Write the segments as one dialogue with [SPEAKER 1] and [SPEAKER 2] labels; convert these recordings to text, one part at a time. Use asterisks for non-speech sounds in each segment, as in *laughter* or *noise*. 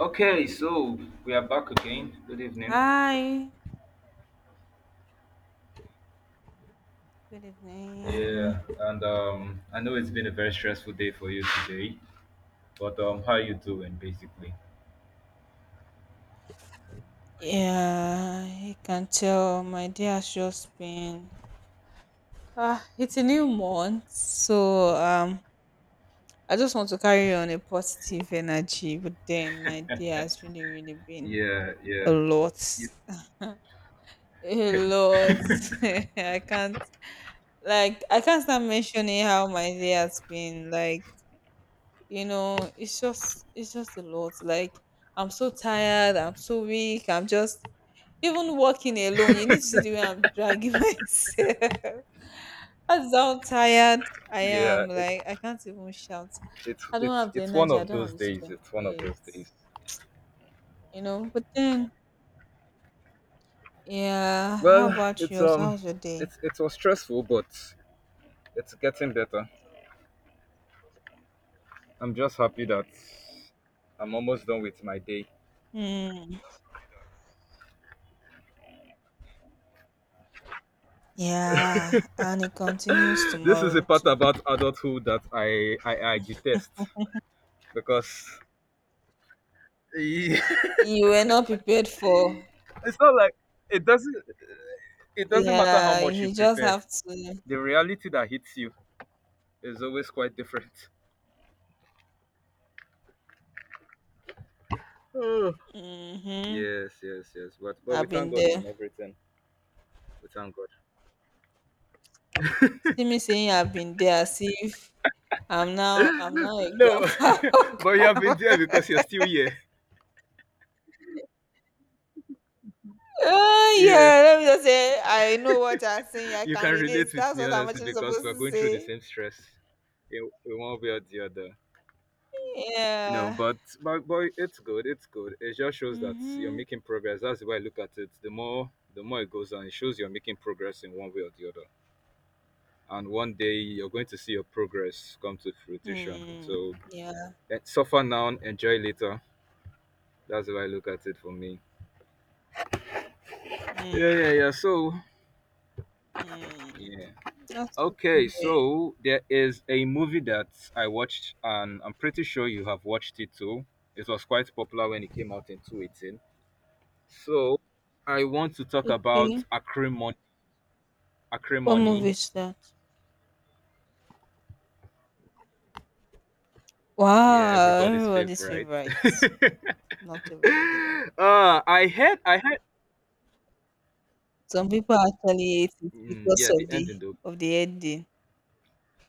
[SPEAKER 1] Okay, so we are back again. Good evening.
[SPEAKER 2] Hi, good evening.
[SPEAKER 1] Yeah, and I know it's been a very stressful day for you today, but how are you doing, basically?
[SPEAKER 2] Yeah, you can tell my day has just been ah, it's a new month, so I just want to carry on a positive energy, but then my day has really, really been
[SPEAKER 1] Yeah,
[SPEAKER 2] a
[SPEAKER 1] yeah.
[SPEAKER 2] lot,
[SPEAKER 1] It-
[SPEAKER 2] a lot. *laughs* I can't, like, I can't start mentioning how my day has been. Like, you know it's just a lot. Like, I'm so tired, I'm so weak, I'm just even walking alone. You need to see the way I'm dragging *laughs* myself. That's how tired I
[SPEAKER 1] yeah.
[SPEAKER 2] am.
[SPEAKER 1] It's
[SPEAKER 2] Like, I can't even shout.
[SPEAKER 1] it's
[SPEAKER 2] I don't
[SPEAKER 1] it's
[SPEAKER 2] have the
[SPEAKER 1] it's one
[SPEAKER 2] energy, I
[SPEAKER 1] of
[SPEAKER 2] don't have
[SPEAKER 1] those
[SPEAKER 2] the
[SPEAKER 1] days.
[SPEAKER 2] strength
[SPEAKER 1] It's
[SPEAKER 2] for
[SPEAKER 1] one of
[SPEAKER 2] it,
[SPEAKER 1] those days.
[SPEAKER 2] you know? But then, yeah, how
[SPEAKER 1] Well,
[SPEAKER 2] about yours? How's your day?
[SPEAKER 1] it was stressful, but it's getting better. I'm just happy that I'm almost done with my day. *gasps*
[SPEAKER 2] Hmm. Yeah, and it continues
[SPEAKER 1] *laughs* This is a
[SPEAKER 2] tomorrow
[SPEAKER 1] part
[SPEAKER 2] too.
[SPEAKER 1] about adulthood that I detest because yeah. *laughs*
[SPEAKER 2] You were not prepared for
[SPEAKER 1] It's not like it doesn't, it doesn't matter how
[SPEAKER 2] yeah
[SPEAKER 1] much you
[SPEAKER 2] you just
[SPEAKER 1] prepare.
[SPEAKER 2] have to
[SPEAKER 1] The reality that hits you is always quite different. Oh.
[SPEAKER 2] Mm-hmm.
[SPEAKER 1] Yes, yes, yes, but we
[SPEAKER 2] I've
[SPEAKER 1] thank
[SPEAKER 2] been
[SPEAKER 1] god
[SPEAKER 2] there.
[SPEAKER 1] in everything, we thank god.
[SPEAKER 2] See me saying I've been there as if I'm now a
[SPEAKER 1] No, *laughs*
[SPEAKER 2] grandpa.
[SPEAKER 1] but
[SPEAKER 2] *laughs*
[SPEAKER 1] you have been there because you're still here.
[SPEAKER 2] Oh
[SPEAKER 1] Yeah.
[SPEAKER 2] yeah, let me just say I know what I'm saying. I
[SPEAKER 1] You
[SPEAKER 2] can
[SPEAKER 1] can
[SPEAKER 2] relate.
[SPEAKER 1] relate with
[SPEAKER 2] That's
[SPEAKER 1] me
[SPEAKER 2] what I'm
[SPEAKER 1] honestly
[SPEAKER 2] actually
[SPEAKER 1] because
[SPEAKER 2] supposed
[SPEAKER 1] we're
[SPEAKER 2] to
[SPEAKER 1] going through the
[SPEAKER 2] say.
[SPEAKER 1] same stress. It won't be or the other, you know,
[SPEAKER 2] Yeah.
[SPEAKER 1] but it's good, it's good. It just shows that you're
[SPEAKER 2] Mm-hmm.
[SPEAKER 1] making progress. That's the way I look at it. The more it goes on, it shows you're making progress in one way or the other. And one day you're going to see your progress come to fruition.
[SPEAKER 2] Mm.
[SPEAKER 1] So
[SPEAKER 2] Yeah.
[SPEAKER 1] eh, suffer now, enjoy later. That's the way I look at it for me. Yeah, yeah,
[SPEAKER 2] Mm.
[SPEAKER 1] yeah. So
[SPEAKER 2] Mm.
[SPEAKER 1] yeah.
[SPEAKER 2] That's good to
[SPEAKER 1] Okay,
[SPEAKER 2] hear.
[SPEAKER 1] so there is a movie that I watched and I'm pretty sure you have watched it too. It was quite popular when it came out in 2018. So I want to talk about
[SPEAKER 2] Okay.
[SPEAKER 1] Acrimony.
[SPEAKER 2] What movie
[SPEAKER 1] Acrimony,
[SPEAKER 2] is that?
[SPEAKER 1] yeah,
[SPEAKER 2] Wow,
[SPEAKER 1] everybody's
[SPEAKER 2] everybody's
[SPEAKER 1] favorite. *laughs*
[SPEAKER 2] favorite. Not everybody though.
[SPEAKER 1] I heard,
[SPEAKER 2] Some people actually hate it because
[SPEAKER 1] yeah, the ending though.
[SPEAKER 2] of the ending.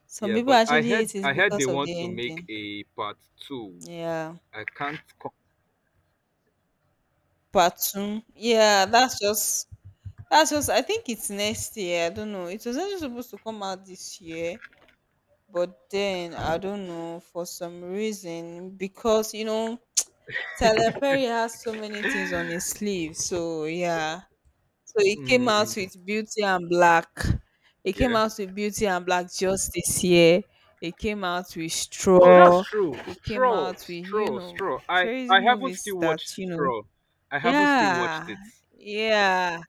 [SPEAKER 2] Some
[SPEAKER 1] Yeah,
[SPEAKER 2] people
[SPEAKER 1] but
[SPEAKER 2] actually hate it
[SPEAKER 1] I heard they
[SPEAKER 2] because of
[SPEAKER 1] want
[SPEAKER 2] the
[SPEAKER 1] to make
[SPEAKER 2] ending.
[SPEAKER 1] a part two.
[SPEAKER 2] Yeah.
[SPEAKER 1] I can't. Co-
[SPEAKER 2] Part two. Yeah, that's just I think it's next year. I don't know. It was actually supposed to come out this year, but then I don't know, for some reason, because you know Tyler Perry has so many things on his
[SPEAKER 1] *sighs* *laughs*
[SPEAKER 2] sleeve. So yeah, so he came out
[SPEAKER 1] mm,
[SPEAKER 2] with Beauty and Black. He came
[SPEAKER 1] yeah.
[SPEAKER 2] out with Beauty and Black just this year. He came out with
[SPEAKER 1] Oh, that's
[SPEAKER 2] Straw.
[SPEAKER 1] true.
[SPEAKER 2] He came
[SPEAKER 1] Straw,
[SPEAKER 2] out with, you
[SPEAKER 1] straw,
[SPEAKER 2] know,
[SPEAKER 1] straw. I,
[SPEAKER 2] crazy
[SPEAKER 1] I haven't
[SPEAKER 2] movies
[SPEAKER 1] still
[SPEAKER 2] that,
[SPEAKER 1] watched
[SPEAKER 2] you know,
[SPEAKER 1] Straw. I haven't still watched
[SPEAKER 2] yeah,
[SPEAKER 1] it.
[SPEAKER 2] yeah,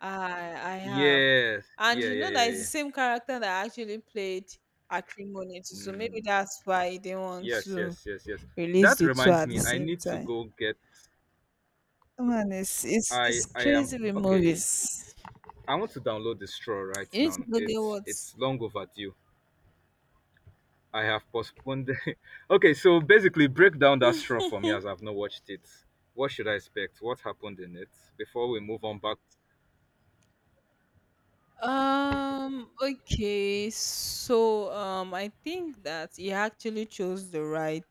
[SPEAKER 2] I, I have.
[SPEAKER 1] Yes.
[SPEAKER 2] And
[SPEAKER 1] Yeah,
[SPEAKER 2] you
[SPEAKER 1] yeah,
[SPEAKER 2] know
[SPEAKER 1] yeah,
[SPEAKER 2] that it's the
[SPEAKER 1] yeah,
[SPEAKER 2] same character that actually played Acrimony too,
[SPEAKER 1] yeah.
[SPEAKER 2] so maybe
[SPEAKER 1] Mm.
[SPEAKER 2] that's why they didn't want
[SPEAKER 1] Yes,
[SPEAKER 2] to
[SPEAKER 1] yes, yes, yes.
[SPEAKER 2] release
[SPEAKER 1] That
[SPEAKER 2] the two
[SPEAKER 1] reminds
[SPEAKER 2] at the
[SPEAKER 1] me, I
[SPEAKER 2] same
[SPEAKER 1] need to
[SPEAKER 2] time.
[SPEAKER 1] go get
[SPEAKER 2] Man, it's, it's, it's
[SPEAKER 1] I am
[SPEAKER 2] crazy with
[SPEAKER 1] okay.
[SPEAKER 2] movies.
[SPEAKER 1] I want to download the straw right
[SPEAKER 2] You need to
[SPEAKER 1] now.
[SPEAKER 2] go get
[SPEAKER 1] It's
[SPEAKER 2] what?
[SPEAKER 1] it's long overdue. I have postponed the- *laughs* Okay, so basically break down that straw for me as I've not watched it. What should I expect? What happened in it? Before we move on back,
[SPEAKER 2] Okay. So, I think that he actually chose the right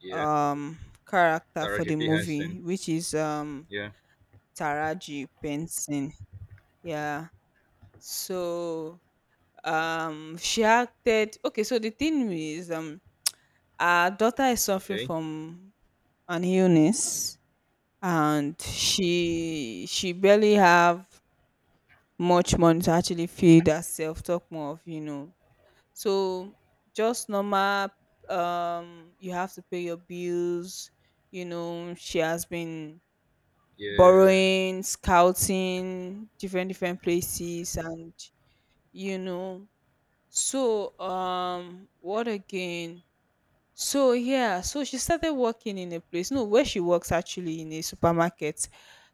[SPEAKER 1] yeah.
[SPEAKER 2] um character for
[SPEAKER 1] Taraji
[SPEAKER 2] the
[SPEAKER 1] P. Henson.
[SPEAKER 2] movie, which is
[SPEAKER 1] Yeah.
[SPEAKER 2] Taraji Benson. Yeah. So, she acted. Okay. So the thing is, our daughter is suffering
[SPEAKER 1] Okay.
[SPEAKER 2] from an illness, and she barely have much money to actually feed herself. Talk more of, you know. So just normal, um, you have to pay your bills, you know, she has been
[SPEAKER 1] Yeah.
[SPEAKER 2] borrowing, scouting different different places and you know. So what again? So yeah, so she started working in a place. No, where she works actually in a supermarket.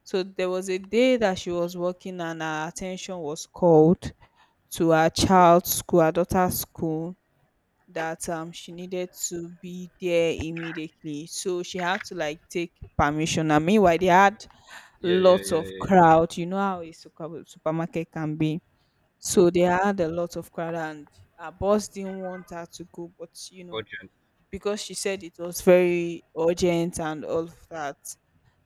[SPEAKER 2] So there was a day that she was working and her attention was called to her
[SPEAKER 1] Okay.
[SPEAKER 2] child's school, her daughter's school, that she needed to be there immediately, so she had to like take permission. And meanwhile, they had
[SPEAKER 1] Yeah, yeah,
[SPEAKER 2] lots
[SPEAKER 1] yeah,
[SPEAKER 2] of
[SPEAKER 1] yeah, yeah.
[SPEAKER 2] crowd. You know how a supermarket can be, so they had a lot of crowd, and her boss didn't want her to go, but you know,
[SPEAKER 1] Urgent.
[SPEAKER 2] because she said it was very urgent and all of that.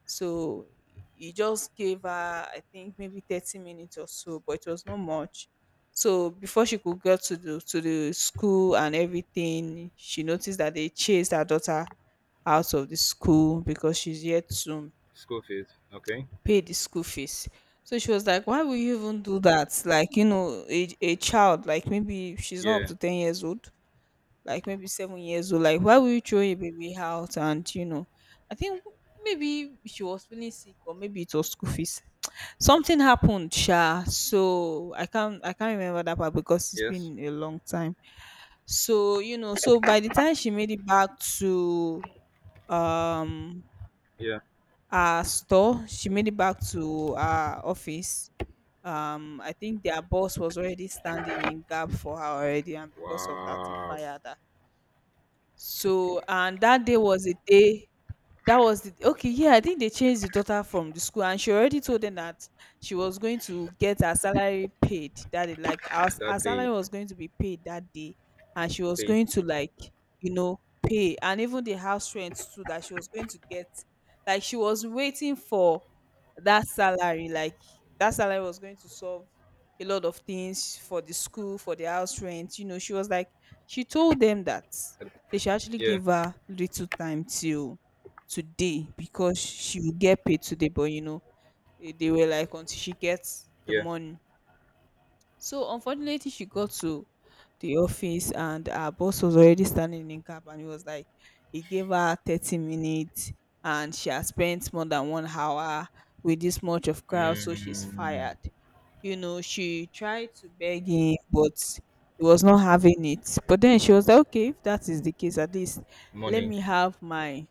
[SPEAKER 2] So he just gave her, I think, maybe 30 minutes or so, but it was not much. So before she could get to the school and everything, she noticed that they chased her daughter out of the school because she's yet to
[SPEAKER 1] School fees. Okay.
[SPEAKER 2] pay the school fees. So she was like, why will you even do that? Like, you know, a child, like maybe she's not up
[SPEAKER 1] Yeah.
[SPEAKER 2] to 10 years old, like maybe 7 years old. Like, why would you throw a baby out? And you know, I think maybe she was feeling sick, or maybe it was school fees. Something happened, sha. So I can't remember that part because it's
[SPEAKER 1] Yes.
[SPEAKER 2] been a long time. So you know, so by the time she made it back to, um,
[SPEAKER 1] Yeah.
[SPEAKER 2] our store, she made it back to our office. I think their boss was already standing in gap for her already, and because of that, he
[SPEAKER 1] Wow.
[SPEAKER 2] fired her. So, and that day was a day that was the okay, yeah, I think they changed the daughter from the school, and she already told them that she was going to get her salary paid that day. Like, her
[SPEAKER 1] That day.
[SPEAKER 2] salary was going to be paid that day, and she was
[SPEAKER 1] Day.
[SPEAKER 2] going to like, you know, pay, and even the house rent too that she was going to get. Like, she was waiting for that salary. Like, that salary was going to solve a lot of things for the school, for the house rent. You know, she was like she told them that they should actually
[SPEAKER 1] Yeah,
[SPEAKER 2] give her little time till today, because she will get paid today, but you know, eh, they were like, until she gets the
[SPEAKER 1] yeah.
[SPEAKER 2] money. So unfortunately, she got to the office and her boss was already standing in cab, and he was like, he gave her 30 minutes and she has spent more than 1 hour with this much of crowd, so she's
[SPEAKER 1] Mm,
[SPEAKER 2] fired. You know, she tried to beg him, but he was not having it. But then she was like, okay, if that is the case, at least let
[SPEAKER 1] money.
[SPEAKER 2] me have my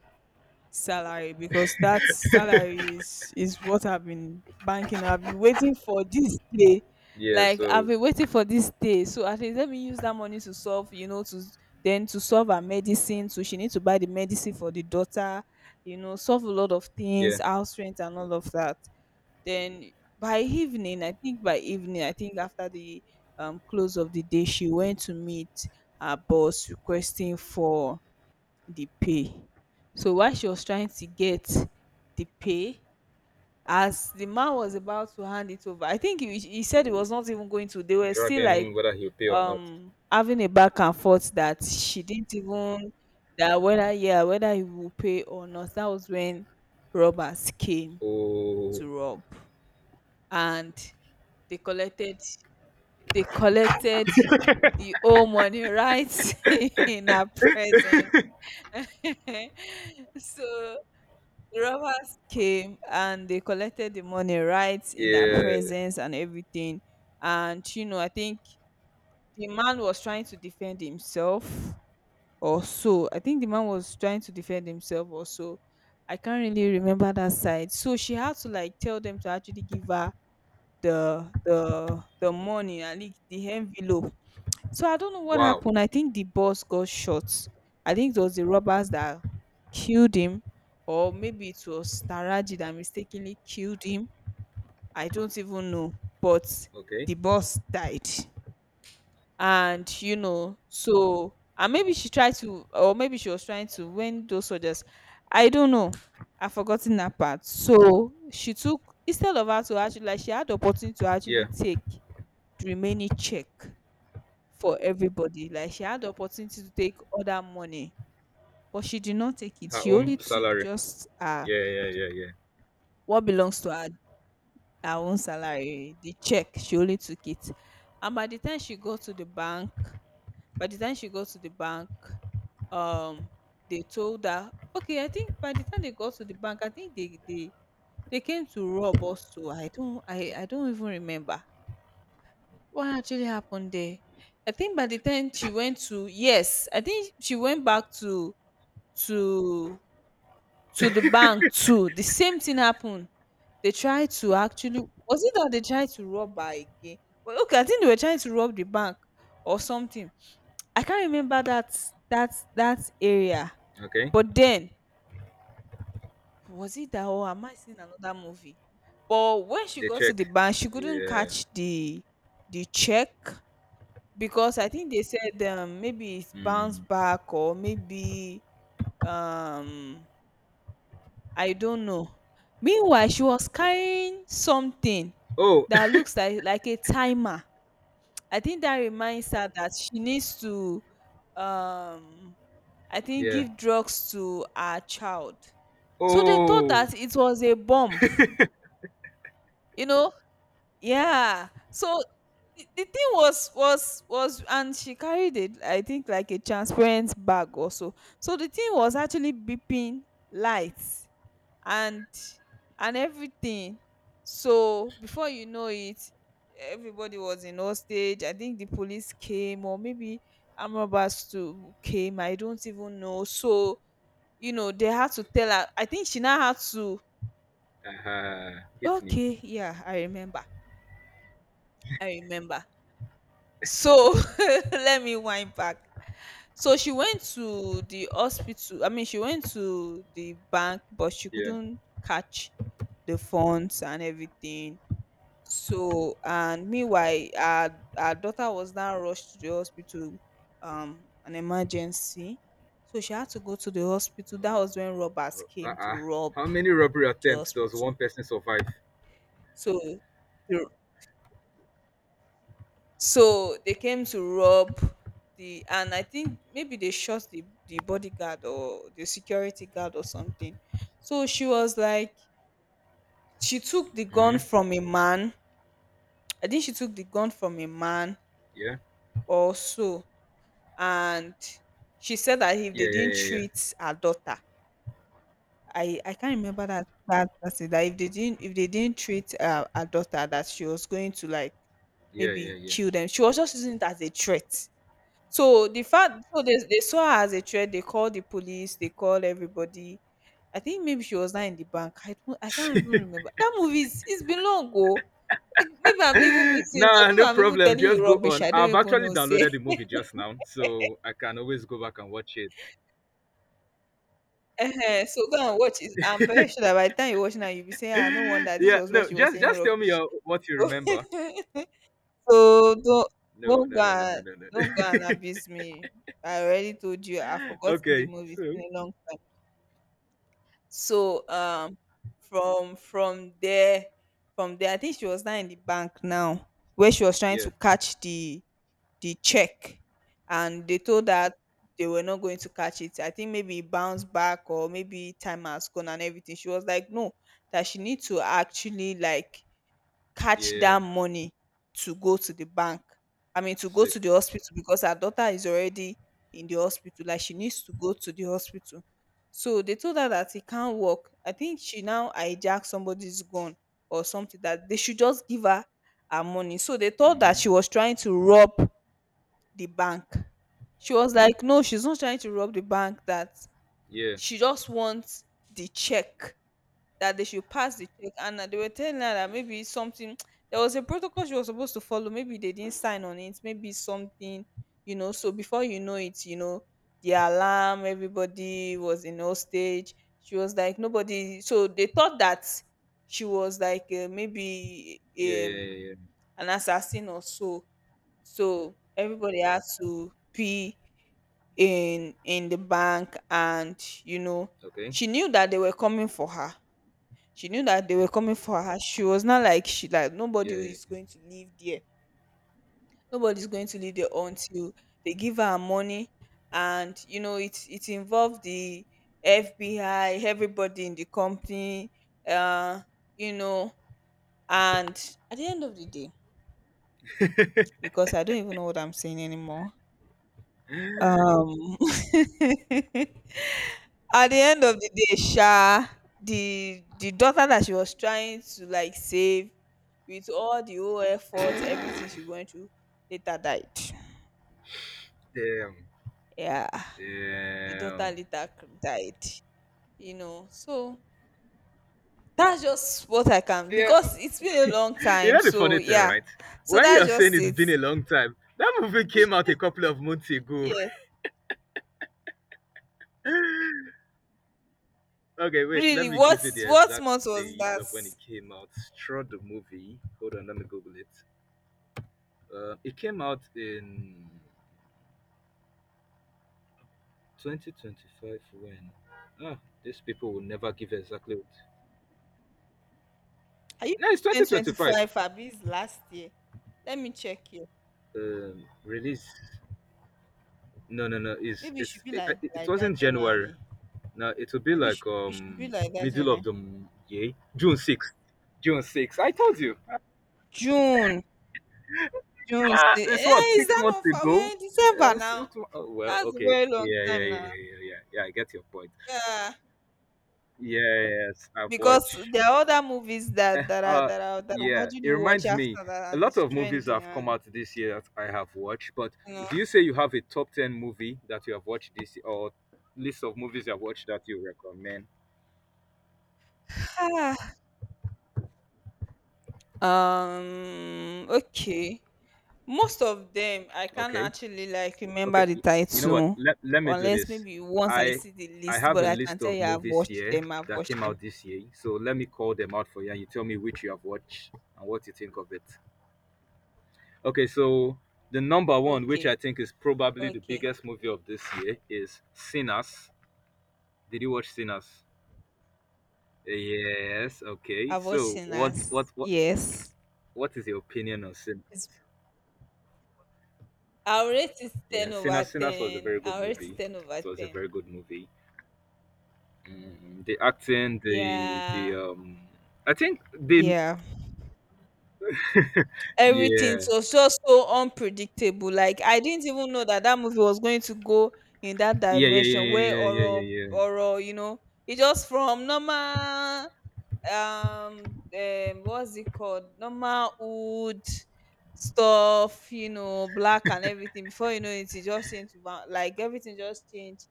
[SPEAKER 2] salary, because that salary is what I've been banking. I've been waiting for this day.
[SPEAKER 1] Yeah,
[SPEAKER 2] Like, I've
[SPEAKER 1] so
[SPEAKER 2] been waiting for this day. So at least let me use that money to solve, you know, to then to solve her medicine. So she needs to buy the medicine for the daughter, you know, solve a lot of things,
[SPEAKER 1] yeah,
[SPEAKER 2] house rent and all of that. Then by evening, I think by evening, I think after the close of the day, she went to meet her boss requesting for the pay. So while she was trying to get the pay, as the man was about to hand it over, I think he said he was not even going to. They were still like,
[SPEAKER 1] dragging whether he'll pay or not.
[SPEAKER 2] um, having a back and forth, that she didn't even, that whether, yeah, whether he will pay or not. That was when robbers came
[SPEAKER 1] Oh,
[SPEAKER 2] to rob, and they collected they collected the whole money right *laughs* in her presence. *laughs* So the robbers came and they collected the money right in her
[SPEAKER 1] yeah.
[SPEAKER 2] presence and everything. And you know, I think the man was trying to defend himself or so. I think the man was trying to defend himself or so. I can't really remember that side. So she had to like tell them to actually give her the money, at least the envelope. So I don't know what
[SPEAKER 1] Wow.
[SPEAKER 2] happened. I think the boss got shot. I think it was the robbers that killed him, or maybe it was Taraji that mistakenly killed him. I don't even know. But
[SPEAKER 1] Okay.
[SPEAKER 2] the boss died. And you know, so and maybe she tried to, or maybe she was trying to, when those soldiers I don't know. I've forgotten that part. So she took, instead of her to actually, like, she had the opportunity to actually
[SPEAKER 1] Yeah,
[SPEAKER 2] take the remaining check for everybody. Like, she had the opportunity to take all that money, but she did not take it.
[SPEAKER 1] her
[SPEAKER 2] She only
[SPEAKER 1] own
[SPEAKER 2] took
[SPEAKER 1] salary.
[SPEAKER 2] just
[SPEAKER 1] Yeah, yeah, yeah, yeah.
[SPEAKER 2] what belongs to her, her own salary, the check. She only took it. And by the time she got to the bank, by the time she got to the bank, um, they told her, okay, I think by the time they got to the bank, I think they came to rob us too. I don't, I don't even remember what actually happened there. I think by the time she went to, yes, I think she went back to to to the bank too. The same thing happened. They tried to actually, was it that they tried to rob her again? Well, okay, I think they were trying to rob the bank or something. I can't remember that that area.
[SPEAKER 1] Okay.
[SPEAKER 2] But then, was it that, or am I seeing another movie? But when she
[SPEAKER 1] They
[SPEAKER 2] got to
[SPEAKER 1] check.
[SPEAKER 2] the bank, she couldn't
[SPEAKER 1] Yeah.
[SPEAKER 2] catch the check because I think they said, maybe it's
[SPEAKER 1] Mm.
[SPEAKER 2] bounced back or maybe um I don't know. Meanwhile, she was carrying something
[SPEAKER 1] Oh,
[SPEAKER 2] that looks like a timer. I think that reminds her that she needs to, um, I
[SPEAKER 1] *laughs* *coughs*
[SPEAKER 2] think
[SPEAKER 1] yeah.
[SPEAKER 2] give drugs to her child. So they thought
[SPEAKER 1] Oh.
[SPEAKER 2] that it was a bomb. You know? Yeah. So the thing was and she carried it I think like a transparent bag also. So, the thing was actually beeping lights and and everything. So before you know it, everybody was in hostage. I think the police came, or maybe amrabas too came. I don't even know. So they had to tell her. I think she now had to...
[SPEAKER 1] Aha. Hit me.
[SPEAKER 2] Okay, yeah, I remember. i remember so, *laughs* let me wind back. So she went to the hospital, I mean she went to the bank, but she
[SPEAKER 1] Yeah.
[SPEAKER 2] couldn't catch the funds and everything. So and meanwhile, our daughter was now rushed to the hospital, an emergency. So she had to go to the hospital. That was when robbers
[SPEAKER 1] Oh.
[SPEAKER 2] came to rob
[SPEAKER 1] How many robbery
[SPEAKER 2] the
[SPEAKER 1] attempts does
[SPEAKER 2] hospital.
[SPEAKER 1] one person survive?
[SPEAKER 2] So the- so they came to rob the and I think maybe they shot the bodyguard or the security guard or something. So she was like, she took the gun
[SPEAKER 1] Mm-hmm.
[SPEAKER 2] from a man. I think she took the gun from a man
[SPEAKER 1] Yeah.
[SPEAKER 2] also. And she said that if they
[SPEAKER 1] Yeah. Yeah.
[SPEAKER 2] didn't
[SPEAKER 1] Yeah.
[SPEAKER 2] treat her daughter, I can't remember that that that's it that if they didn't treat her daughter, that she was going to like
[SPEAKER 1] Yeah. Yeah.
[SPEAKER 2] maybe
[SPEAKER 1] Yeah.
[SPEAKER 2] kill them. She was just using it as a threat. So the fact, so they saw her as a threat, they called the police, they called everybody. I think maybe she was not in the bank. I can't
[SPEAKER 1] Yeah.
[SPEAKER 2] even
[SPEAKER 1] *laughs*
[SPEAKER 2] remember that movie. Is It's been long ago. It, maybe I'm even
[SPEAKER 1] *laughs*
[SPEAKER 2] mixing it up,
[SPEAKER 1] Nah,
[SPEAKER 2] maybe
[SPEAKER 1] no
[SPEAKER 2] I'm even
[SPEAKER 1] problem.
[SPEAKER 2] telling you
[SPEAKER 1] Just go
[SPEAKER 2] rubbish.
[SPEAKER 1] on.
[SPEAKER 2] I
[SPEAKER 1] I've
[SPEAKER 2] don't even
[SPEAKER 1] actually
[SPEAKER 2] know,
[SPEAKER 1] downloaded
[SPEAKER 2] say.
[SPEAKER 1] the movie just now, so I can always go back and watch it.
[SPEAKER 2] Ehen, so go and watch it. I'm very sure that by the time you watch now, you'll be saying, "Ah, no wonder
[SPEAKER 1] *laughs*
[SPEAKER 2] this
[SPEAKER 1] Yeah,
[SPEAKER 2] was where
[SPEAKER 1] no,
[SPEAKER 2] she was saying
[SPEAKER 1] just tell me
[SPEAKER 2] rubbish."
[SPEAKER 1] what you
[SPEAKER 2] So
[SPEAKER 1] remember.
[SPEAKER 2] *laughs* so don't
[SPEAKER 1] No,
[SPEAKER 2] don't
[SPEAKER 1] no,
[SPEAKER 2] go
[SPEAKER 1] no, no, no,
[SPEAKER 2] and
[SPEAKER 1] no,
[SPEAKER 2] don't go and
[SPEAKER 1] no.
[SPEAKER 2] abuse me. I already told you I've
[SPEAKER 1] *laughs*
[SPEAKER 2] forgotten the
[SPEAKER 1] Okay,
[SPEAKER 2] movie. It's
[SPEAKER 1] so
[SPEAKER 2] been a long time. So from from there from there, I think she was now in the bank now, where she was trying
[SPEAKER 1] yeah,
[SPEAKER 2] to catch the check, and they told that they were not going to catch it. I think maybe it bounced back, or maybe time has gone and everything. She was like, no, that she needs to actually like catch
[SPEAKER 1] yeah,
[SPEAKER 2] that money to go to the bank. I mean, to go
[SPEAKER 1] sick.
[SPEAKER 2] to the hospital, because her daughter is already in the hospital. Like she needs to go to the hospital. So they told her that it can't work. I think she now hijacked somebody's gun or something, that they should just give her money. So they thought that
[SPEAKER 1] Mm-hmm.
[SPEAKER 2] she was trying to rob the bank. She was like, no, she's not trying to rob the bank, that
[SPEAKER 1] Yeah,
[SPEAKER 2] she just wants the check, that they should pass the check. And that they were telling her that maybe something, *tsk* there was a protocol she was supposed to follow. Maybe they didn't sign on it, maybe something. So before you know it, the alarm, everybody was in hostage. She was like, nobody. So they thought that she was like maybe
[SPEAKER 1] yeah, yeah, yeah, yeah.
[SPEAKER 2] an assassin or so. So everybody had to pee in the bank. And you know
[SPEAKER 1] Okay,
[SPEAKER 2] she knew that they were coming for her. She knew that they were coming for her She was not like, she like
[SPEAKER 1] yeah, yeah.
[SPEAKER 2] nobody's going to live there until they give her money. And you know it involved the FBI, everybody in the company. uh you know and at the end of the day, because I don't even know what I'm saying anymore, um *laughs* at the end of the day sha, the daughter that she was trying to like save, with all the whole effort, everything she went through, later died.
[SPEAKER 1] Damn,
[SPEAKER 2] Yeah, the daughter
[SPEAKER 1] damn.
[SPEAKER 2] later died. So that's just what I can,
[SPEAKER 1] Yeah,
[SPEAKER 2] because
[SPEAKER 1] *laughs*
[SPEAKER 2] it's been a long
[SPEAKER 1] you
[SPEAKER 2] time.
[SPEAKER 1] know the
[SPEAKER 2] So
[SPEAKER 1] funny thing,
[SPEAKER 2] yeah.
[SPEAKER 1] right?
[SPEAKER 2] So
[SPEAKER 1] When
[SPEAKER 2] that's
[SPEAKER 1] you're saying
[SPEAKER 2] just
[SPEAKER 1] it's
[SPEAKER 2] it.
[SPEAKER 1] been a long time, that movie came out a couple of months ago.
[SPEAKER 2] Yeah,
[SPEAKER 1] *laughs* Okay, wait, let
[SPEAKER 2] really.
[SPEAKER 1] me
[SPEAKER 2] what
[SPEAKER 1] give you the
[SPEAKER 2] what
[SPEAKER 1] exact
[SPEAKER 2] month was
[SPEAKER 1] date
[SPEAKER 2] that?
[SPEAKER 1] of when it came out. Straw the movie. Hold on, let me Google it. It came out in 2025 when. Ah, these people will never give exactly what.
[SPEAKER 2] Are you
[SPEAKER 1] No, it's
[SPEAKER 2] sure?
[SPEAKER 1] 2025.
[SPEAKER 2] 2025 abis last year. Let me check here.
[SPEAKER 1] Release. No, no, no.
[SPEAKER 2] Maybe it should be like
[SPEAKER 1] It
[SPEAKER 2] like that,
[SPEAKER 1] wasn't January.
[SPEAKER 2] January.
[SPEAKER 1] No, it will be
[SPEAKER 2] Maybe it
[SPEAKER 1] like
[SPEAKER 2] should, it should be like that, you
[SPEAKER 1] middle
[SPEAKER 2] know.
[SPEAKER 1] of the m- year. June 6th. June 6th. I told you.
[SPEAKER 2] June, June.
[SPEAKER 1] Ah,
[SPEAKER 2] Say,
[SPEAKER 1] *laughs* this what
[SPEAKER 2] eh, is
[SPEAKER 1] six
[SPEAKER 2] that
[SPEAKER 1] months
[SPEAKER 2] not far? We're
[SPEAKER 1] ago.
[SPEAKER 2] in December now.
[SPEAKER 1] Oh, well,
[SPEAKER 2] That's a
[SPEAKER 1] okay,
[SPEAKER 2] very long
[SPEAKER 1] yeah, yeah, yeah,
[SPEAKER 2] time now.
[SPEAKER 1] yeah, yeah, yeah. Yeah, I get your point.
[SPEAKER 2] Yeah,
[SPEAKER 1] Yes, I've
[SPEAKER 2] because
[SPEAKER 1] watched.
[SPEAKER 2] there are other movies that
[SPEAKER 1] Eh,
[SPEAKER 2] that are
[SPEAKER 1] Uh,
[SPEAKER 2] that are that I've
[SPEAKER 1] yeah,
[SPEAKER 2] already
[SPEAKER 1] it
[SPEAKER 2] watched
[SPEAKER 1] reminds me.
[SPEAKER 2] after that,
[SPEAKER 1] A
[SPEAKER 2] and
[SPEAKER 1] lot
[SPEAKER 2] it's
[SPEAKER 1] of movies
[SPEAKER 2] trendy,
[SPEAKER 1] have come
[SPEAKER 2] and
[SPEAKER 1] out this year that I have watched. But
[SPEAKER 2] you know.
[SPEAKER 1] do you say you have a top ten movie that you have watched this year, or list of movies you have watched that you recommend?
[SPEAKER 2] *sighs* Okay. Most of them I can't
[SPEAKER 1] Okay.
[SPEAKER 2] actually like remember
[SPEAKER 1] Okay,
[SPEAKER 2] the
[SPEAKER 1] y- you know what?
[SPEAKER 2] title,
[SPEAKER 1] Let me do
[SPEAKER 2] unless
[SPEAKER 1] this.
[SPEAKER 2] maybe once I
[SPEAKER 1] I
[SPEAKER 2] see the
[SPEAKER 1] I
[SPEAKER 2] list.
[SPEAKER 1] have
[SPEAKER 2] But
[SPEAKER 1] a
[SPEAKER 2] I can
[SPEAKER 1] list
[SPEAKER 2] tell
[SPEAKER 1] of
[SPEAKER 2] you I've
[SPEAKER 1] movies
[SPEAKER 2] watched
[SPEAKER 1] here
[SPEAKER 2] them. I've
[SPEAKER 1] that
[SPEAKER 2] watched
[SPEAKER 1] came
[SPEAKER 2] them.
[SPEAKER 1] out this year. So let me call them out for you and you tell me which you have watched and what you think of it. Okay, so the number one, which
[SPEAKER 2] Okay.
[SPEAKER 1] I think is probably the
[SPEAKER 2] Okay.
[SPEAKER 1] biggest movie of this year, is Sinners. Did you watch Sinners? Yes, okay.
[SPEAKER 2] I've watched
[SPEAKER 1] So what what
[SPEAKER 2] Sinners,
[SPEAKER 1] what
[SPEAKER 2] yes.
[SPEAKER 1] what is your opinion on Sinners?
[SPEAKER 2] It's, I'll rate it 10
[SPEAKER 1] Yeah,
[SPEAKER 2] over
[SPEAKER 1] Sinners was a
[SPEAKER 2] 10.
[SPEAKER 1] very good
[SPEAKER 2] I'll rate it
[SPEAKER 1] movie.
[SPEAKER 2] 10 over
[SPEAKER 1] It was a
[SPEAKER 2] 10.
[SPEAKER 1] very good movie. Mm, the acting, the the
[SPEAKER 2] Yeah.
[SPEAKER 1] um, I think the
[SPEAKER 2] Yeah. Everything, it
[SPEAKER 1] yeah,
[SPEAKER 2] was just so unpredictable. Like, I didn't even know that that movie was going to go in that
[SPEAKER 1] yeah, yeah,
[SPEAKER 2] dimension
[SPEAKER 1] yeah,
[SPEAKER 2] where
[SPEAKER 1] yeah, yeah, yeah,
[SPEAKER 2] horror,
[SPEAKER 1] yeah, yeah.
[SPEAKER 2] horror, it just from normal, what's it called? Normal wood stuff, black and everything. Before you know it, it just changed to like everything just changed.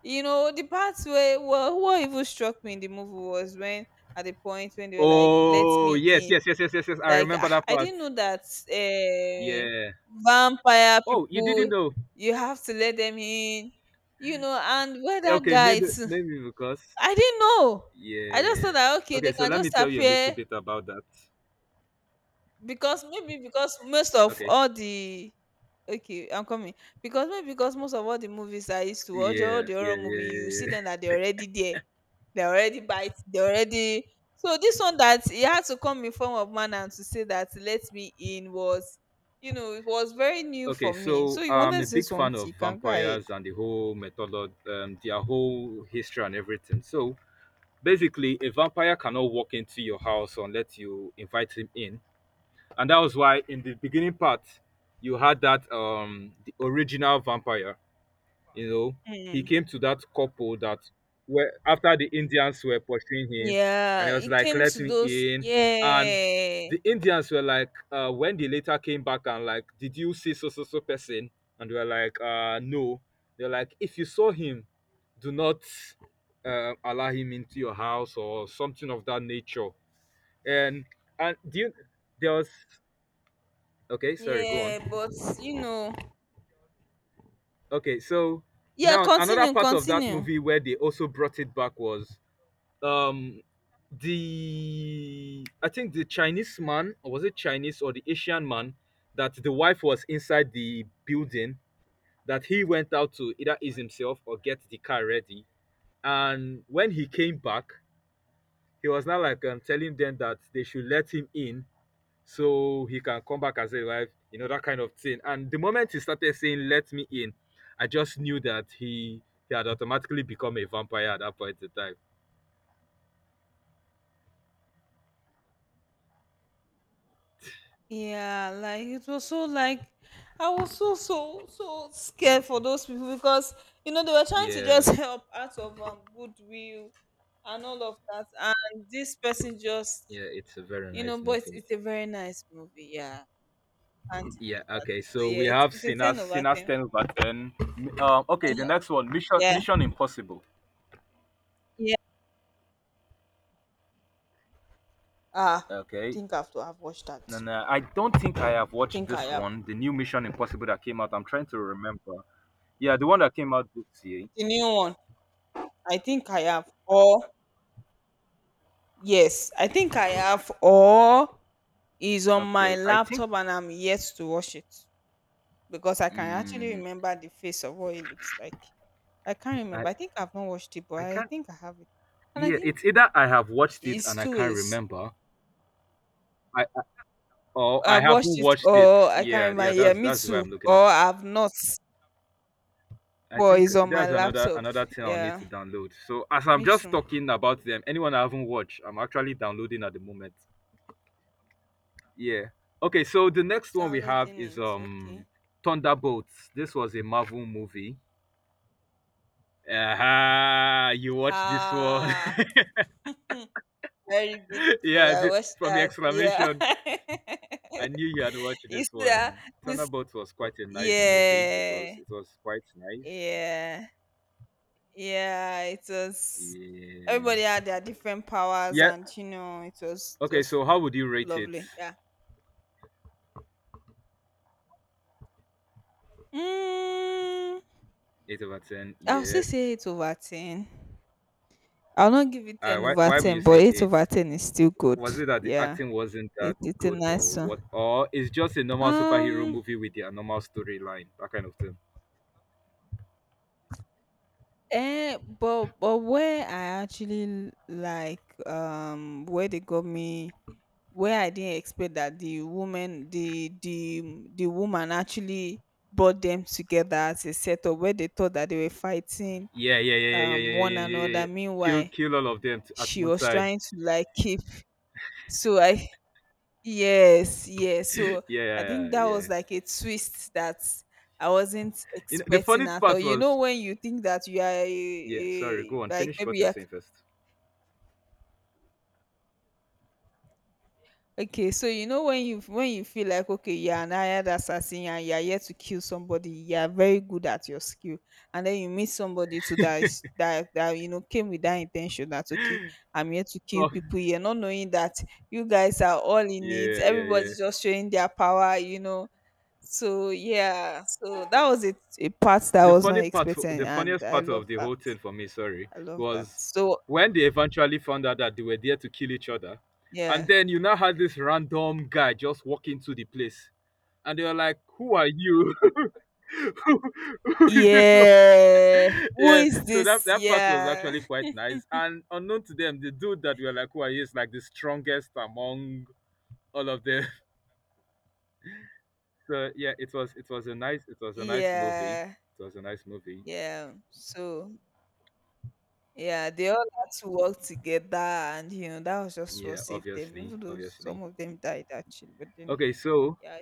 [SPEAKER 2] You know, the part where, well, what even struck me in the movie was when at the point when they were like, let
[SPEAKER 1] Oh
[SPEAKER 2] me
[SPEAKER 1] yes, yes,
[SPEAKER 2] in.
[SPEAKER 1] yes, yes, yes, yes. I
[SPEAKER 2] Like,
[SPEAKER 1] remember that
[SPEAKER 2] I
[SPEAKER 1] part.
[SPEAKER 2] didn't know that, uh,
[SPEAKER 1] Yeah.
[SPEAKER 2] vampire
[SPEAKER 1] Oh, you
[SPEAKER 2] people,
[SPEAKER 1] didn't know?
[SPEAKER 2] you have to let them in. And where that
[SPEAKER 1] Okay,
[SPEAKER 2] guy
[SPEAKER 1] maybe
[SPEAKER 2] too,
[SPEAKER 1] maybe because
[SPEAKER 2] I didn't know.
[SPEAKER 1] yeah,
[SPEAKER 2] I just
[SPEAKER 1] yeah,
[SPEAKER 2] thought
[SPEAKER 1] yeah.
[SPEAKER 2] that okay, they
[SPEAKER 1] Okay, so
[SPEAKER 2] can
[SPEAKER 1] let me
[SPEAKER 2] just
[SPEAKER 1] tell you a little
[SPEAKER 2] appear.
[SPEAKER 1] bit about that.
[SPEAKER 2] Because maybe because most of
[SPEAKER 1] Okay.
[SPEAKER 2] all the... Okay, I'm coming. Because maybe because most of all the movies I used to watch, all
[SPEAKER 1] Yeah,
[SPEAKER 2] the horror
[SPEAKER 1] yeah,
[SPEAKER 2] movie,
[SPEAKER 1] yeah,
[SPEAKER 2] you
[SPEAKER 1] yeah,
[SPEAKER 2] see
[SPEAKER 1] yeah.
[SPEAKER 2] them
[SPEAKER 1] *laughs*
[SPEAKER 2] that they're already there. They're already bite. They're already. So this one, that he had to come in form of man and to say that let me in, was, it was very new
[SPEAKER 1] Okay,
[SPEAKER 2] for me. So
[SPEAKER 1] so
[SPEAKER 2] you wanted
[SPEAKER 1] I'm
[SPEAKER 2] to
[SPEAKER 1] a
[SPEAKER 2] say
[SPEAKER 1] big
[SPEAKER 2] something?
[SPEAKER 1] fan of
[SPEAKER 2] You can go ahead.
[SPEAKER 1] vampires and the whole method, their whole history and everything. So basically, a vampire cannot walk into your house unless you invite him in. And that was why in the beginning part you had that the original vampire, you know, he
[SPEAKER 2] Mm.
[SPEAKER 1] came to that couple that were after the Indians were pursuing him, and
[SPEAKER 2] Yeah,
[SPEAKER 1] he was
[SPEAKER 2] it
[SPEAKER 1] like,
[SPEAKER 2] came
[SPEAKER 1] "Let
[SPEAKER 2] to
[SPEAKER 1] me
[SPEAKER 2] those.
[SPEAKER 1] in." And
[SPEAKER 2] Yeah,
[SPEAKER 1] the Indians were like, when they later came back and like, "Did you see so so so person?" And they were like, "No." They're like, "If you saw him, do not allow him into your house or something of that nature." And and do you, there was okay. Sorry, go on.
[SPEAKER 2] yeah, but you know,
[SPEAKER 1] Okay, so
[SPEAKER 2] yeah.
[SPEAKER 1] now another
[SPEAKER 2] Continue,
[SPEAKER 1] part of that
[SPEAKER 2] continue.
[SPEAKER 1] movie where they also brought it back was um the I think the Chinese man, or was it Chinese or the Asian man, that the wife was inside the building, that he went out to either ease himself or get the car ready, and when he came back he was now like, telling them that they should let him in so he can come back as a wife, you know, that kind of thing. And the moment he started saying let me in, I just knew that he had automatically become a vampire at that point in time.
[SPEAKER 2] Yeah, like it was so like I was so so so scared for those people, because you know they were trying to just
[SPEAKER 1] Yeah.
[SPEAKER 2] *laughs* help out of goodwill and all of that, and this person just
[SPEAKER 1] Yeah, it's a very
[SPEAKER 2] you
[SPEAKER 1] nice
[SPEAKER 2] know, but
[SPEAKER 1] movie.
[SPEAKER 2] it's a very nice movie, yeah. Can't
[SPEAKER 1] Yeah,
[SPEAKER 2] deny that.
[SPEAKER 1] okay.
[SPEAKER 2] So,
[SPEAKER 1] So
[SPEAKER 2] yeah,
[SPEAKER 1] we
[SPEAKER 2] it's
[SPEAKER 1] have
[SPEAKER 2] it's a
[SPEAKER 1] Sinners,
[SPEAKER 2] ten over
[SPEAKER 1] Sinners
[SPEAKER 2] ten.
[SPEAKER 1] 10 over 10. M- okay, the next one, Mission
[SPEAKER 2] Yeah,
[SPEAKER 1] Mission Impossible.
[SPEAKER 2] yeah. Ah,
[SPEAKER 1] Okay.
[SPEAKER 2] think I have to have watched that.
[SPEAKER 1] And I don't think I have watched
[SPEAKER 2] Think I
[SPEAKER 1] this
[SPEAKER 2] have
[SPEAKER 1] one, the new Mission Impossible that came out. I'm trying to remember. Yeah, the one that came out this year.
[SPEAKER 2] the new one. I think I have, or yes, I think I have, or is on my
[SPEAKER 1] Okay. I think
[SPEAKER 2] laptop and I'm yet to watch it, because I can actually
[SPEAKER 1] mm,
[SPEAKER 2] remember the face of what it looks like. I can't
[SPEAKER 1] I
[SPEAKER 2] remember. I think I've not watched it, but
[SPEAKER 1] I
[SPEAKER 2] I
[SPEAKER 1] can't
[SPEAKER 2] think I have it. And I
[SPEAKER 1] yeah,
[SPEAKER 2] think
[SPEAKER 1] it's either I have watched it
[SPEAKER 2] it's
[SPEAKER 1] and I
[SPEAKER 2] two
[SPEAKER 1] can't
[SPEAKER 2] ways.
[SPEAKER 1] remember. I Or I
[SPEAKER 2] I've watched
[SPEAKER 1] haven't
[SPEAKER 2] it
[SPEAKER 1] watched it.
[SPEAKER 2] or I can't
[SPEAKER 1] Yeah,
[SPEAKER 2] remember.
[SPEAKER 1] yeah,
[SPEAKER 2] Yeah, me
[SPEAKER 1] that's where
[SPEAKER 2] too.
[SPEAKER 1] I'm looking at.
[SPEAKER 2] Or I've not,
[SPEAKER 1] I
[SPEAKER 2] but
[SPEAKER 1] think
[SPEAKER 2] it's on my
[SPEAKER 1] there's
[SPEAKER 2] laptop.
[SPEAKER 1] another thing I'll need
[SPEAKER 2] Yeah,
[SPEAKER 1] to download. So as I'm
[SPEAKER 2] me
[SPEAKER 1] just
[SPEAKER 2] too.
[SPEAKER 1] talking about them, anyone I haven't watched, I'm actually downloading at the moment. Yeah. Okay, so the next one we have
[SPEAKER 2] Downloading
[SPEAKER 1] is
[SPEAKER 2] it. Okay.
[SPEAKER 1] Thunderbolts. This was a Marvel movie. Aha, you watched this one.
[SPEAKER 2] Ah, very
[SPEAKER 1] *laughs*
[SPEAKER 2] beautiful.
[SPEAKER 1] Yeah,
[SPEAKER 2] I
[SPEAKER 1] th-
[SPEAKER 2] watched
[SPEAKER 1] from your
[SPEAKER 2] that. Yeah.
[SPEAKER 1] exclamation, I knew you had watched
[SPEAKER 2] *laughs* it's
[SPEAKER 1] this
[SPEAKER 2] that.
[SPEAKER 1] one. Thunderbolts was quite a nice movie. It was
[SPEAKER 2] Yeah.
[SPEAKER 1] it was quite nice.
[SPEAKER 2] Yeah. Yeah, it was, everybody
[SPEAKER 1] Yeah.
[SPEAKER 2] had their different powers,
[SPEAKER 1] Yeah.
[SPEAKER 2] and it was
[SPEAKER 1] Okay,
[SPEAKER 2] just
[SPEAKER 1] so how would you rate it?
[SPEAKER 2] lovely. Yeah. Mm,
[SPEAKER 1] 8 over 10.
[SPEAKER 2] I'll
[SPEAKER 1] Yeah.
[SPEAKER 2] still say 8 over 10. I'll not give it
[SPEAKER 1] Uh,
[SPEAKER 2] ten
[SPEAKER 1] why
[SPEAKER 2] over
[SPEAKER 1] why would you
[SPEAKER 2] ten, but
[SPEAKER 1] say
[SPEAKER 2] eight over
[SPEAKER 1] eight?
[SPEAKER 2] ten is still good.
[SPEAKER 1] Was it that the
[SPEAKER 2] Yeah.
[SPEAKER 1] acting wasn't that
[SPEAKER 2] It's a
[SPEAKER 1] good or
[SPEAKER 2] nice one.
[SPEAKER 1] what? Or it's just a normal superhero
[SPEAKER 2] Um
[SPEAKER 1] movie with a normal storyline, that kind of thing.
[SPEAKER 2] but where I actually like where they got me, where I didn't expect that the woman actually brought them together as a setup where they thought that they were fighting
[SPEAKER 1] Yeah, yeah, yeah, yeah, yeah, yeah,
[SPEAKER 2] one
[SPEAKER 1] yeah, yeah,
[SPEAKER 2] another.
[SPEAKER 1] yeah. Kill
[SPEAKER 2] Meanwhile,
[SPEAKER 1] kill all of them t- at
[SPEAKER 2] she
[SPEAKER 1] one
[SPEAKER 2] was
[SPEAKER 1] time.
[SPEAKER 2] trying
[SPEAKER 1] *laughs*
[SPEAKER 2] to like keep, so I yes, yes.
[SPEAKER 1] Yeah,
[SPEAKER 2] So I think
[SPEAKER 1] yeah,
[SPEAKER 2] that
[SPEAKER 1] yeah.
[SPEAKER 2] was like a twist that I wasn't
[SPEAKER 1] You know, the funny
[SPEAKER 2] expecting at all.
[SPEAKER 1] part
[SPEAKER 2] You know
[SPEAKER 1] was
[SPEAKER 2] when you think that you are
[SPEAKER 1] yeah. Sorry, go on.
[SPEAKER 2] like
[SPEAKER 1] Finish
[SPEAKER 2] maybe
[SPEAKER 1] what you're
[SPEAKER 2] you're...
[SPEAKER 1] saying first.
[SPEAKER 2] Okay, so you know when you feel like okay, you're an hired assassin and you're here to kill somebody, you're very good at your skill, and then you meet somebody to that is- that that came with that intention that okay, I'm here to kill
[SPEAKER 1] Oh,
[SPEAKER 2] people here, not knowing that you guys are all in it,
[SPEAKER 1] yeah, yeah, yeah.
[SPEAKER 2] everybody's just showing their power. So yeah, so that was it, a part that I
[SPEAKER 1] The
[SPEAKER 2] was not
[SPEAKER 1] funny part,
[SPEAKER 2] expecting,
[SPEAKER 1] the
[SPEAKER 2] and
[SPEAKER 1] funniest
[SPEAKER 2] I
[SPEAKER 1] part
[SPEAKER 2] love
[SPEAKER 1] of the
[SPEAKER 2] that.
[SPEAKER 1] whole thing for me, sorry,
[SPEAKER 2] I love that.
[SPEAKER 1] was
[SPEAKER 2] So
[SPEAKER 1] when they eventually found out that they were there to kill each other, and
[SPEAKER 2] yeah.
[SPEAKER 1] then you now had this random guy just walk into the place, and they were like, "Who are you? *laughs* who who is this one?"
[SPEAKER 2] Yeah.
[SPEAKER 1] *laughs*
[SPEAKER 2] Who
[SPEAKER 1] Yeah,
[SPEAKER 2] is
[SPEAKER 1] so that
[SPEAKER 2] this?
[SPEAKER 1] that part was
[SPEAKER 2] Yeah.
[SPEAKER 1] actually quite nice, and unknown to them, the dude that we were like, "Who are you?" is like the strongest among all of them. *laughs* So yeah, it was a nice movie.
[SPEAKER 2] Yeah,
[SPEAKER 1] It was a nice movie.
[SPEAKER 2] yeah. So yeah, they all had to work together, and that was just what
[SPEAKER 1] Yeah,
[SPEAKER 2] saved them.
[SPEAKER 1] obviously,
[SPEAKER 2] Even though
[SPEAKER 1] obviously.
[SPEAKER 2] some of them died actually, but then
[SPEAKER 1] Okay, so
[SPEAKER 2] yeah,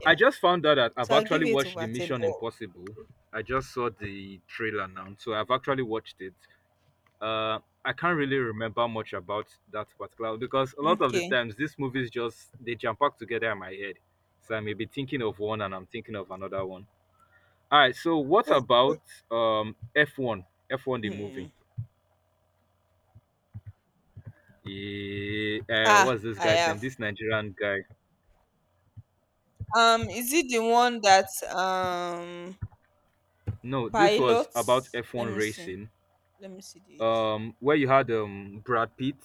[SPEAKER 2] yeah.
[SPEAKER 1] I just found out that I've
[SPEAKER 2] So I'll give
[SPEAKER 1] actually
[SPEAKER 2] it
[SPEAKER 1] watched the
[SPEAKER 2] over ten.
[SPEAKER 1] Mission
[SPEAKER 2] Oh,
[SPEAKER 1] Impossible. I just saw the trailer now, so I've actually watched it. Uh, I can't really remember much about that particular because a lot of the
[SPEAKER 2] okay.
[SPEAKER 1] times these movies just they jump pack together in my head. So I may be thinking of one and I'm thinking of another one. All right, so what about F1? F1 the movie.
[SPEAKER 2] Mm.
[SPEAKER 1] Eh,
[SPEAKER 2] Ah,
[SPEAKER 1] what's this
[SPEAKER 2] I
[SPEAKER 1] guy's name?
[SPEAKER 2] have.
[SPEAKER 1] This Nigerian guy.
[SPEAKER 2] Is it the one that um
[SPEAKER 1] No, this was about
[SPEAKER 2] pilots? Let
[SPEAKER 1] F1
[SPEAKER 2] me see.
[SPEAKER 1] racing
[SPEAKER 2] Let me see this.
[SPEAKER 1] where you had Brad Pitt,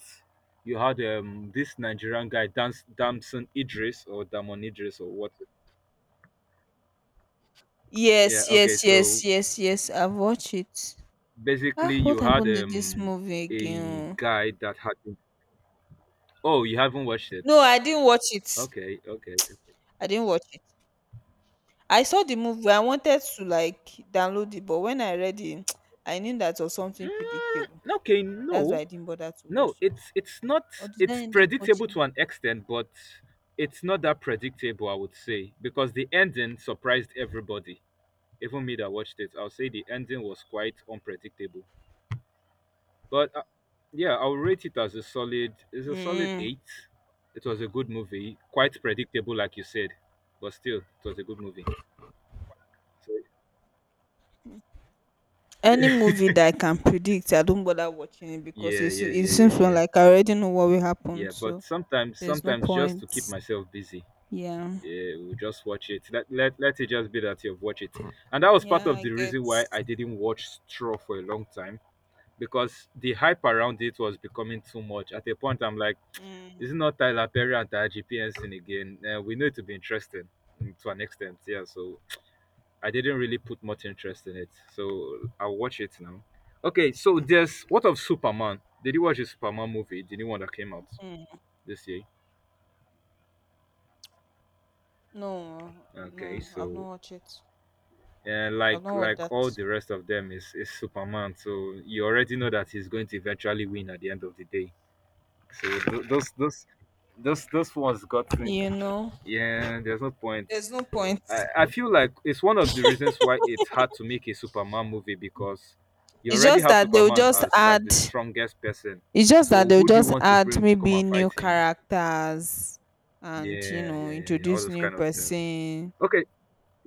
[SPEAKER 1] you had this Nigerian guy Dans Damson Idris or Damon Idris or what?
[SPEAKER 2] Yes,
[SPEAKER 1] Yeah,
[SPEAKER 2] yes,
[SPEAKER 1] okay.
[SPEAKER 2] yes,
[SPEAKER 1] So
[SPEAKER 2] yes, yes. I've watched it. Ah,
[SPEAKER 1] basically, you
[SPEAKER 2] what
[SPEAKER 1] had
[SPEAKER 2] happened in this movie
[SPEAKER 1] a
[SPEAKER 2] again?
[SPEAKER 1] guy that had. Oh, you haven't watched it.
[SPEAKER 2] No, I didn't watch it.
[SPEAKER 1] Okay, okay.
[SPEAKER 2] I didn't watch it. I saw the movie. I wanted to like download it, but when I read it, *tsk* I knew that was something
[SPEAKER 1] Mm,
[SPEAKER 2] predictable.
[SPEAKER 1] okay,
[SPEAKER 2] That's why
[SPEAKER 1] no,
[SPEAKER 2] I didn't bother to
[SPEAKER 1] no.
[SPEAKER 2] watch it.
[SPEAKER 1] It's not.
[SPEAKER 2] Or did I
[SPEAKER 1] It's
[SPEAKER 2] end up
[SPEAKER 1] predictable
[SPEAKER 2] watching
[SPEAKER 1] to an extent, but it's not that predictable. I would say because the ending surprised everybody, even me that watched it. I'll say the ending was quite unpredictable. But yeah, I'll rate it as a solid. It's
[SPEAKER 2] it?
[SPEAKER 1] a solid
[SPEAKER 2] Mm,
[SPEAKER 1] eight. It was a good movie, quite predictable, like you said, but still, it was a good movie. So
[SPEAKER 2] any movie that I can predict, I don't bother watching it, because
[SPEAKER 1] yeah,
[SPEAKER 2] it
[SPEAKER 1] yeah,
[SPEAKER 2] it
[SPEAKER 1] yeah,
[SPEAKER 2] seems
[SPEAKER 1] yeah, yeah,
[SPEAKER 2] like I already know what will happen.
[SPEAKER 1] yeah. But
[SPEAKER 2] So
[SPEAKER 1] sometimes,
[SPEAKER 2] there's no
[SPEAKER 1] sometimes just
[SPEAKER 2] point.
[SPEAKER 1] to keep myself busy,
[SPEAKER 2] Yeah.
[SPEAKER 1] yeah, we'll just watch it. Let it just be that you've watched it, and that was part
[SPEAKER 2] Yeah,
[SPEAKER 1] of
[SPEAKER 2] I
[SPEAKER 1] the
[SPEAKER 2] get.
[SPEAKER 1] reason why I didn't watch Straw for a long time because the hype around it was becoming too much. At a point, I'm like, is
[SPEAKER 2] Mm,
[SPEAKER 1] it not Tyler Perry and Taji PNC again? We know it to be interesting mm, to an extent, yeah. So I didn't really put much interest in it. So I'll watch it now. Okay, so there's what of Superman? Did you watch the Superman movie? The new one that came out
[SPEAKER 2] mm.
[SPEAKER 1] this year?
[SPEAKER 2] No,
[SPEAKER 1] Okay,
[SPEAKER 2] no, I've
[SPEAKER 1] so
[SPEAKER 2] not watched it.
[SPEAKER 1] and
[SPEAKER 2] I've not watched
[SPEAKER 1] like all
[SPEAKER 2] that.
[SPEAKER 1] the rest of them is Superman. So you already know that he's going to eventually win at the end of the day. So th- those those ones got me.
[SPEAKER 2] You know,
[SPEAKER 1] Yeah, there's no point.
[SPEAKER 2] there's no point.
[SPEAKER 1] I feel like it's one of the reasons why it's hard to make a Superman movie because you
[SPEAKER 2] It's
[SPEAKER 1] already
[SPEAKER 2] just
[SPEAKER 1] have
[SPEAKER 2] that they will
[SPEAKER 1] Superman
[SPEAKER 2] just
[SPEAKER 1] as
[SPEAKER 2] add
[SPEAKER 1] like the strongest person.
[SPEAKER 2] It's just that
[SPEAKER 1] So
[SPEAKER 2] they'll
[SPEAKER 1] who do you
[SPEAKER 2] just
[SPEAKER 1] want to
[SPEAKER 2] add
[SPEAKER 1] bring to come
[SPEAKER 2] maybe
[SPEAKER 1] and
[SPEAKER 2] new
[SPEAKER 1] fight him?
[SPEAKER 2] characters, and
[SPEAKER 1] Yeah, yeah, yeah, yeah. All
[SPEAKER 2] introduce
[SPEAKER 1] those
[SPEAKER 2] new
[SPEAKER 1] kind of things.
[SPEAKER 2] person,
[SPEAKER 1] Okay.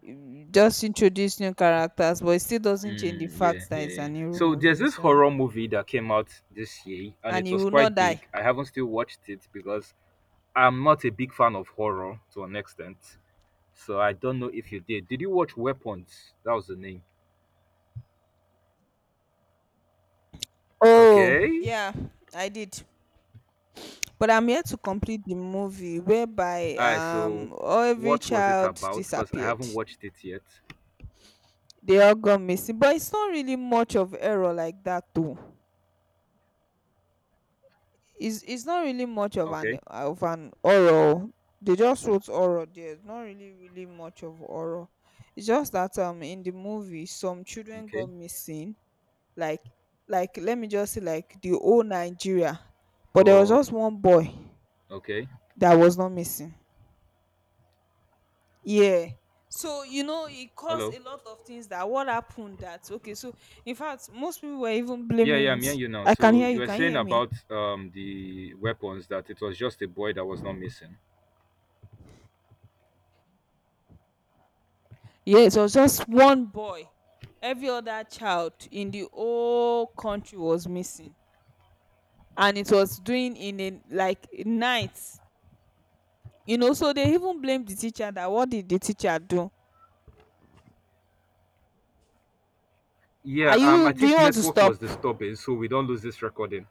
[SPEAKER 2] just introduce new characters, but it still doesn't change the
[SPEAKER 1] Mm, yeah,
[SPEAKER 2] fact that it's
[SPEAKER 1] yeah, yeah.
[SPEAKER 2] an hero
[SPEAKER 1] So there's
[SPEAKER 2] movie.
[SPEAKER 1] this
[SPEAKER 2] So,
[SPEAKER 1] horror movie that came out this year, and
[SPEAKER 2] and
[SPEAKER 1] it
[SPEAKER 2] he
[SPEAKER 1] was
[SPEAKER 2] will not
[SPEAKER 1] quite
[SPEAKER 2] die.
[SPEAKER 1] big. I haven't still watched it because I'm not a big fan of horror to an extent. So I don't know if you did. Did you watch Weapons? That was the name.
[SPEAKER 2] Oh
[SPEAKER 1] Okay.
[SPEAKER 2] yeah, I did. But I'm here to complete the movie whereby
[SPEAKER 1] All right, so
[SPEAKER 2] all every
[SPEAKER 1] what was it
[SPEAKER 2] child
[SPEAKER 1] about? Because I
[SPEAKER 2] disappeared.
[SPEAKER 1] haven't watched it yet.
[SPEAKER 2] They all got missing, but it's not really much of error like that though. It's not really much of an
[SPEAKER 1] Okay,
[SPEAKER 2] oral. They just wrote oral. There's not really really much of oral. It's just that in the movie some children
[SPEAKER 1] okay.
[SPEAKER 2] got missing. Like like, let me just say like the whole Nigeria, but there was
[SPEAKER 1] Oh,
[SPEAKER 2] just one boy
[SPEAKER 1] okay.
[SPEAKER 2] that was not missing. Yeah. So it caused
[SPEAKER 1] Hello.
[SPEAKER 2] a lot of things, that what happened, that okay, so in fact most people were even
[SPEAKER 1] Yeah, yeah,
[SPEAKER 2] blaming
[SPEAKER 1] I'm
[SPEAKER 2] it.
[SPEAKER 1] hearing you now.
[SPEAKER 2] I can
[SPEAKER 1] So
[SPEAKER 2] hear
[SPEAKER 1] you
[SPEAKER 2] you.
[SPEAKER 1] were
[SPEAKER 2] Can you
[SPEAKER 1] saying
[SPEAKER 2] hear me?
[SPEAKER 1] about the Weapons, that it was just a boy that was not missing.
[SPEAKER 2] Yes, it was just one boy. Every other child in the whole country was missing. And it was doing in a like night. So they even blamed the teacher, that what did the teacher do? Are
[SPEAKER 1] Yeah,
[SPEAKER 2] you
[SPEAKER 1] I
[SPEAKER 2] Do you
[SPEAKER 1] think
[SPEAKER 2] want to
[SPEAKER 1] network was
[SPEAKER 2] stop?
[SPEAKER 1] disturbing, so we don't lose this recording.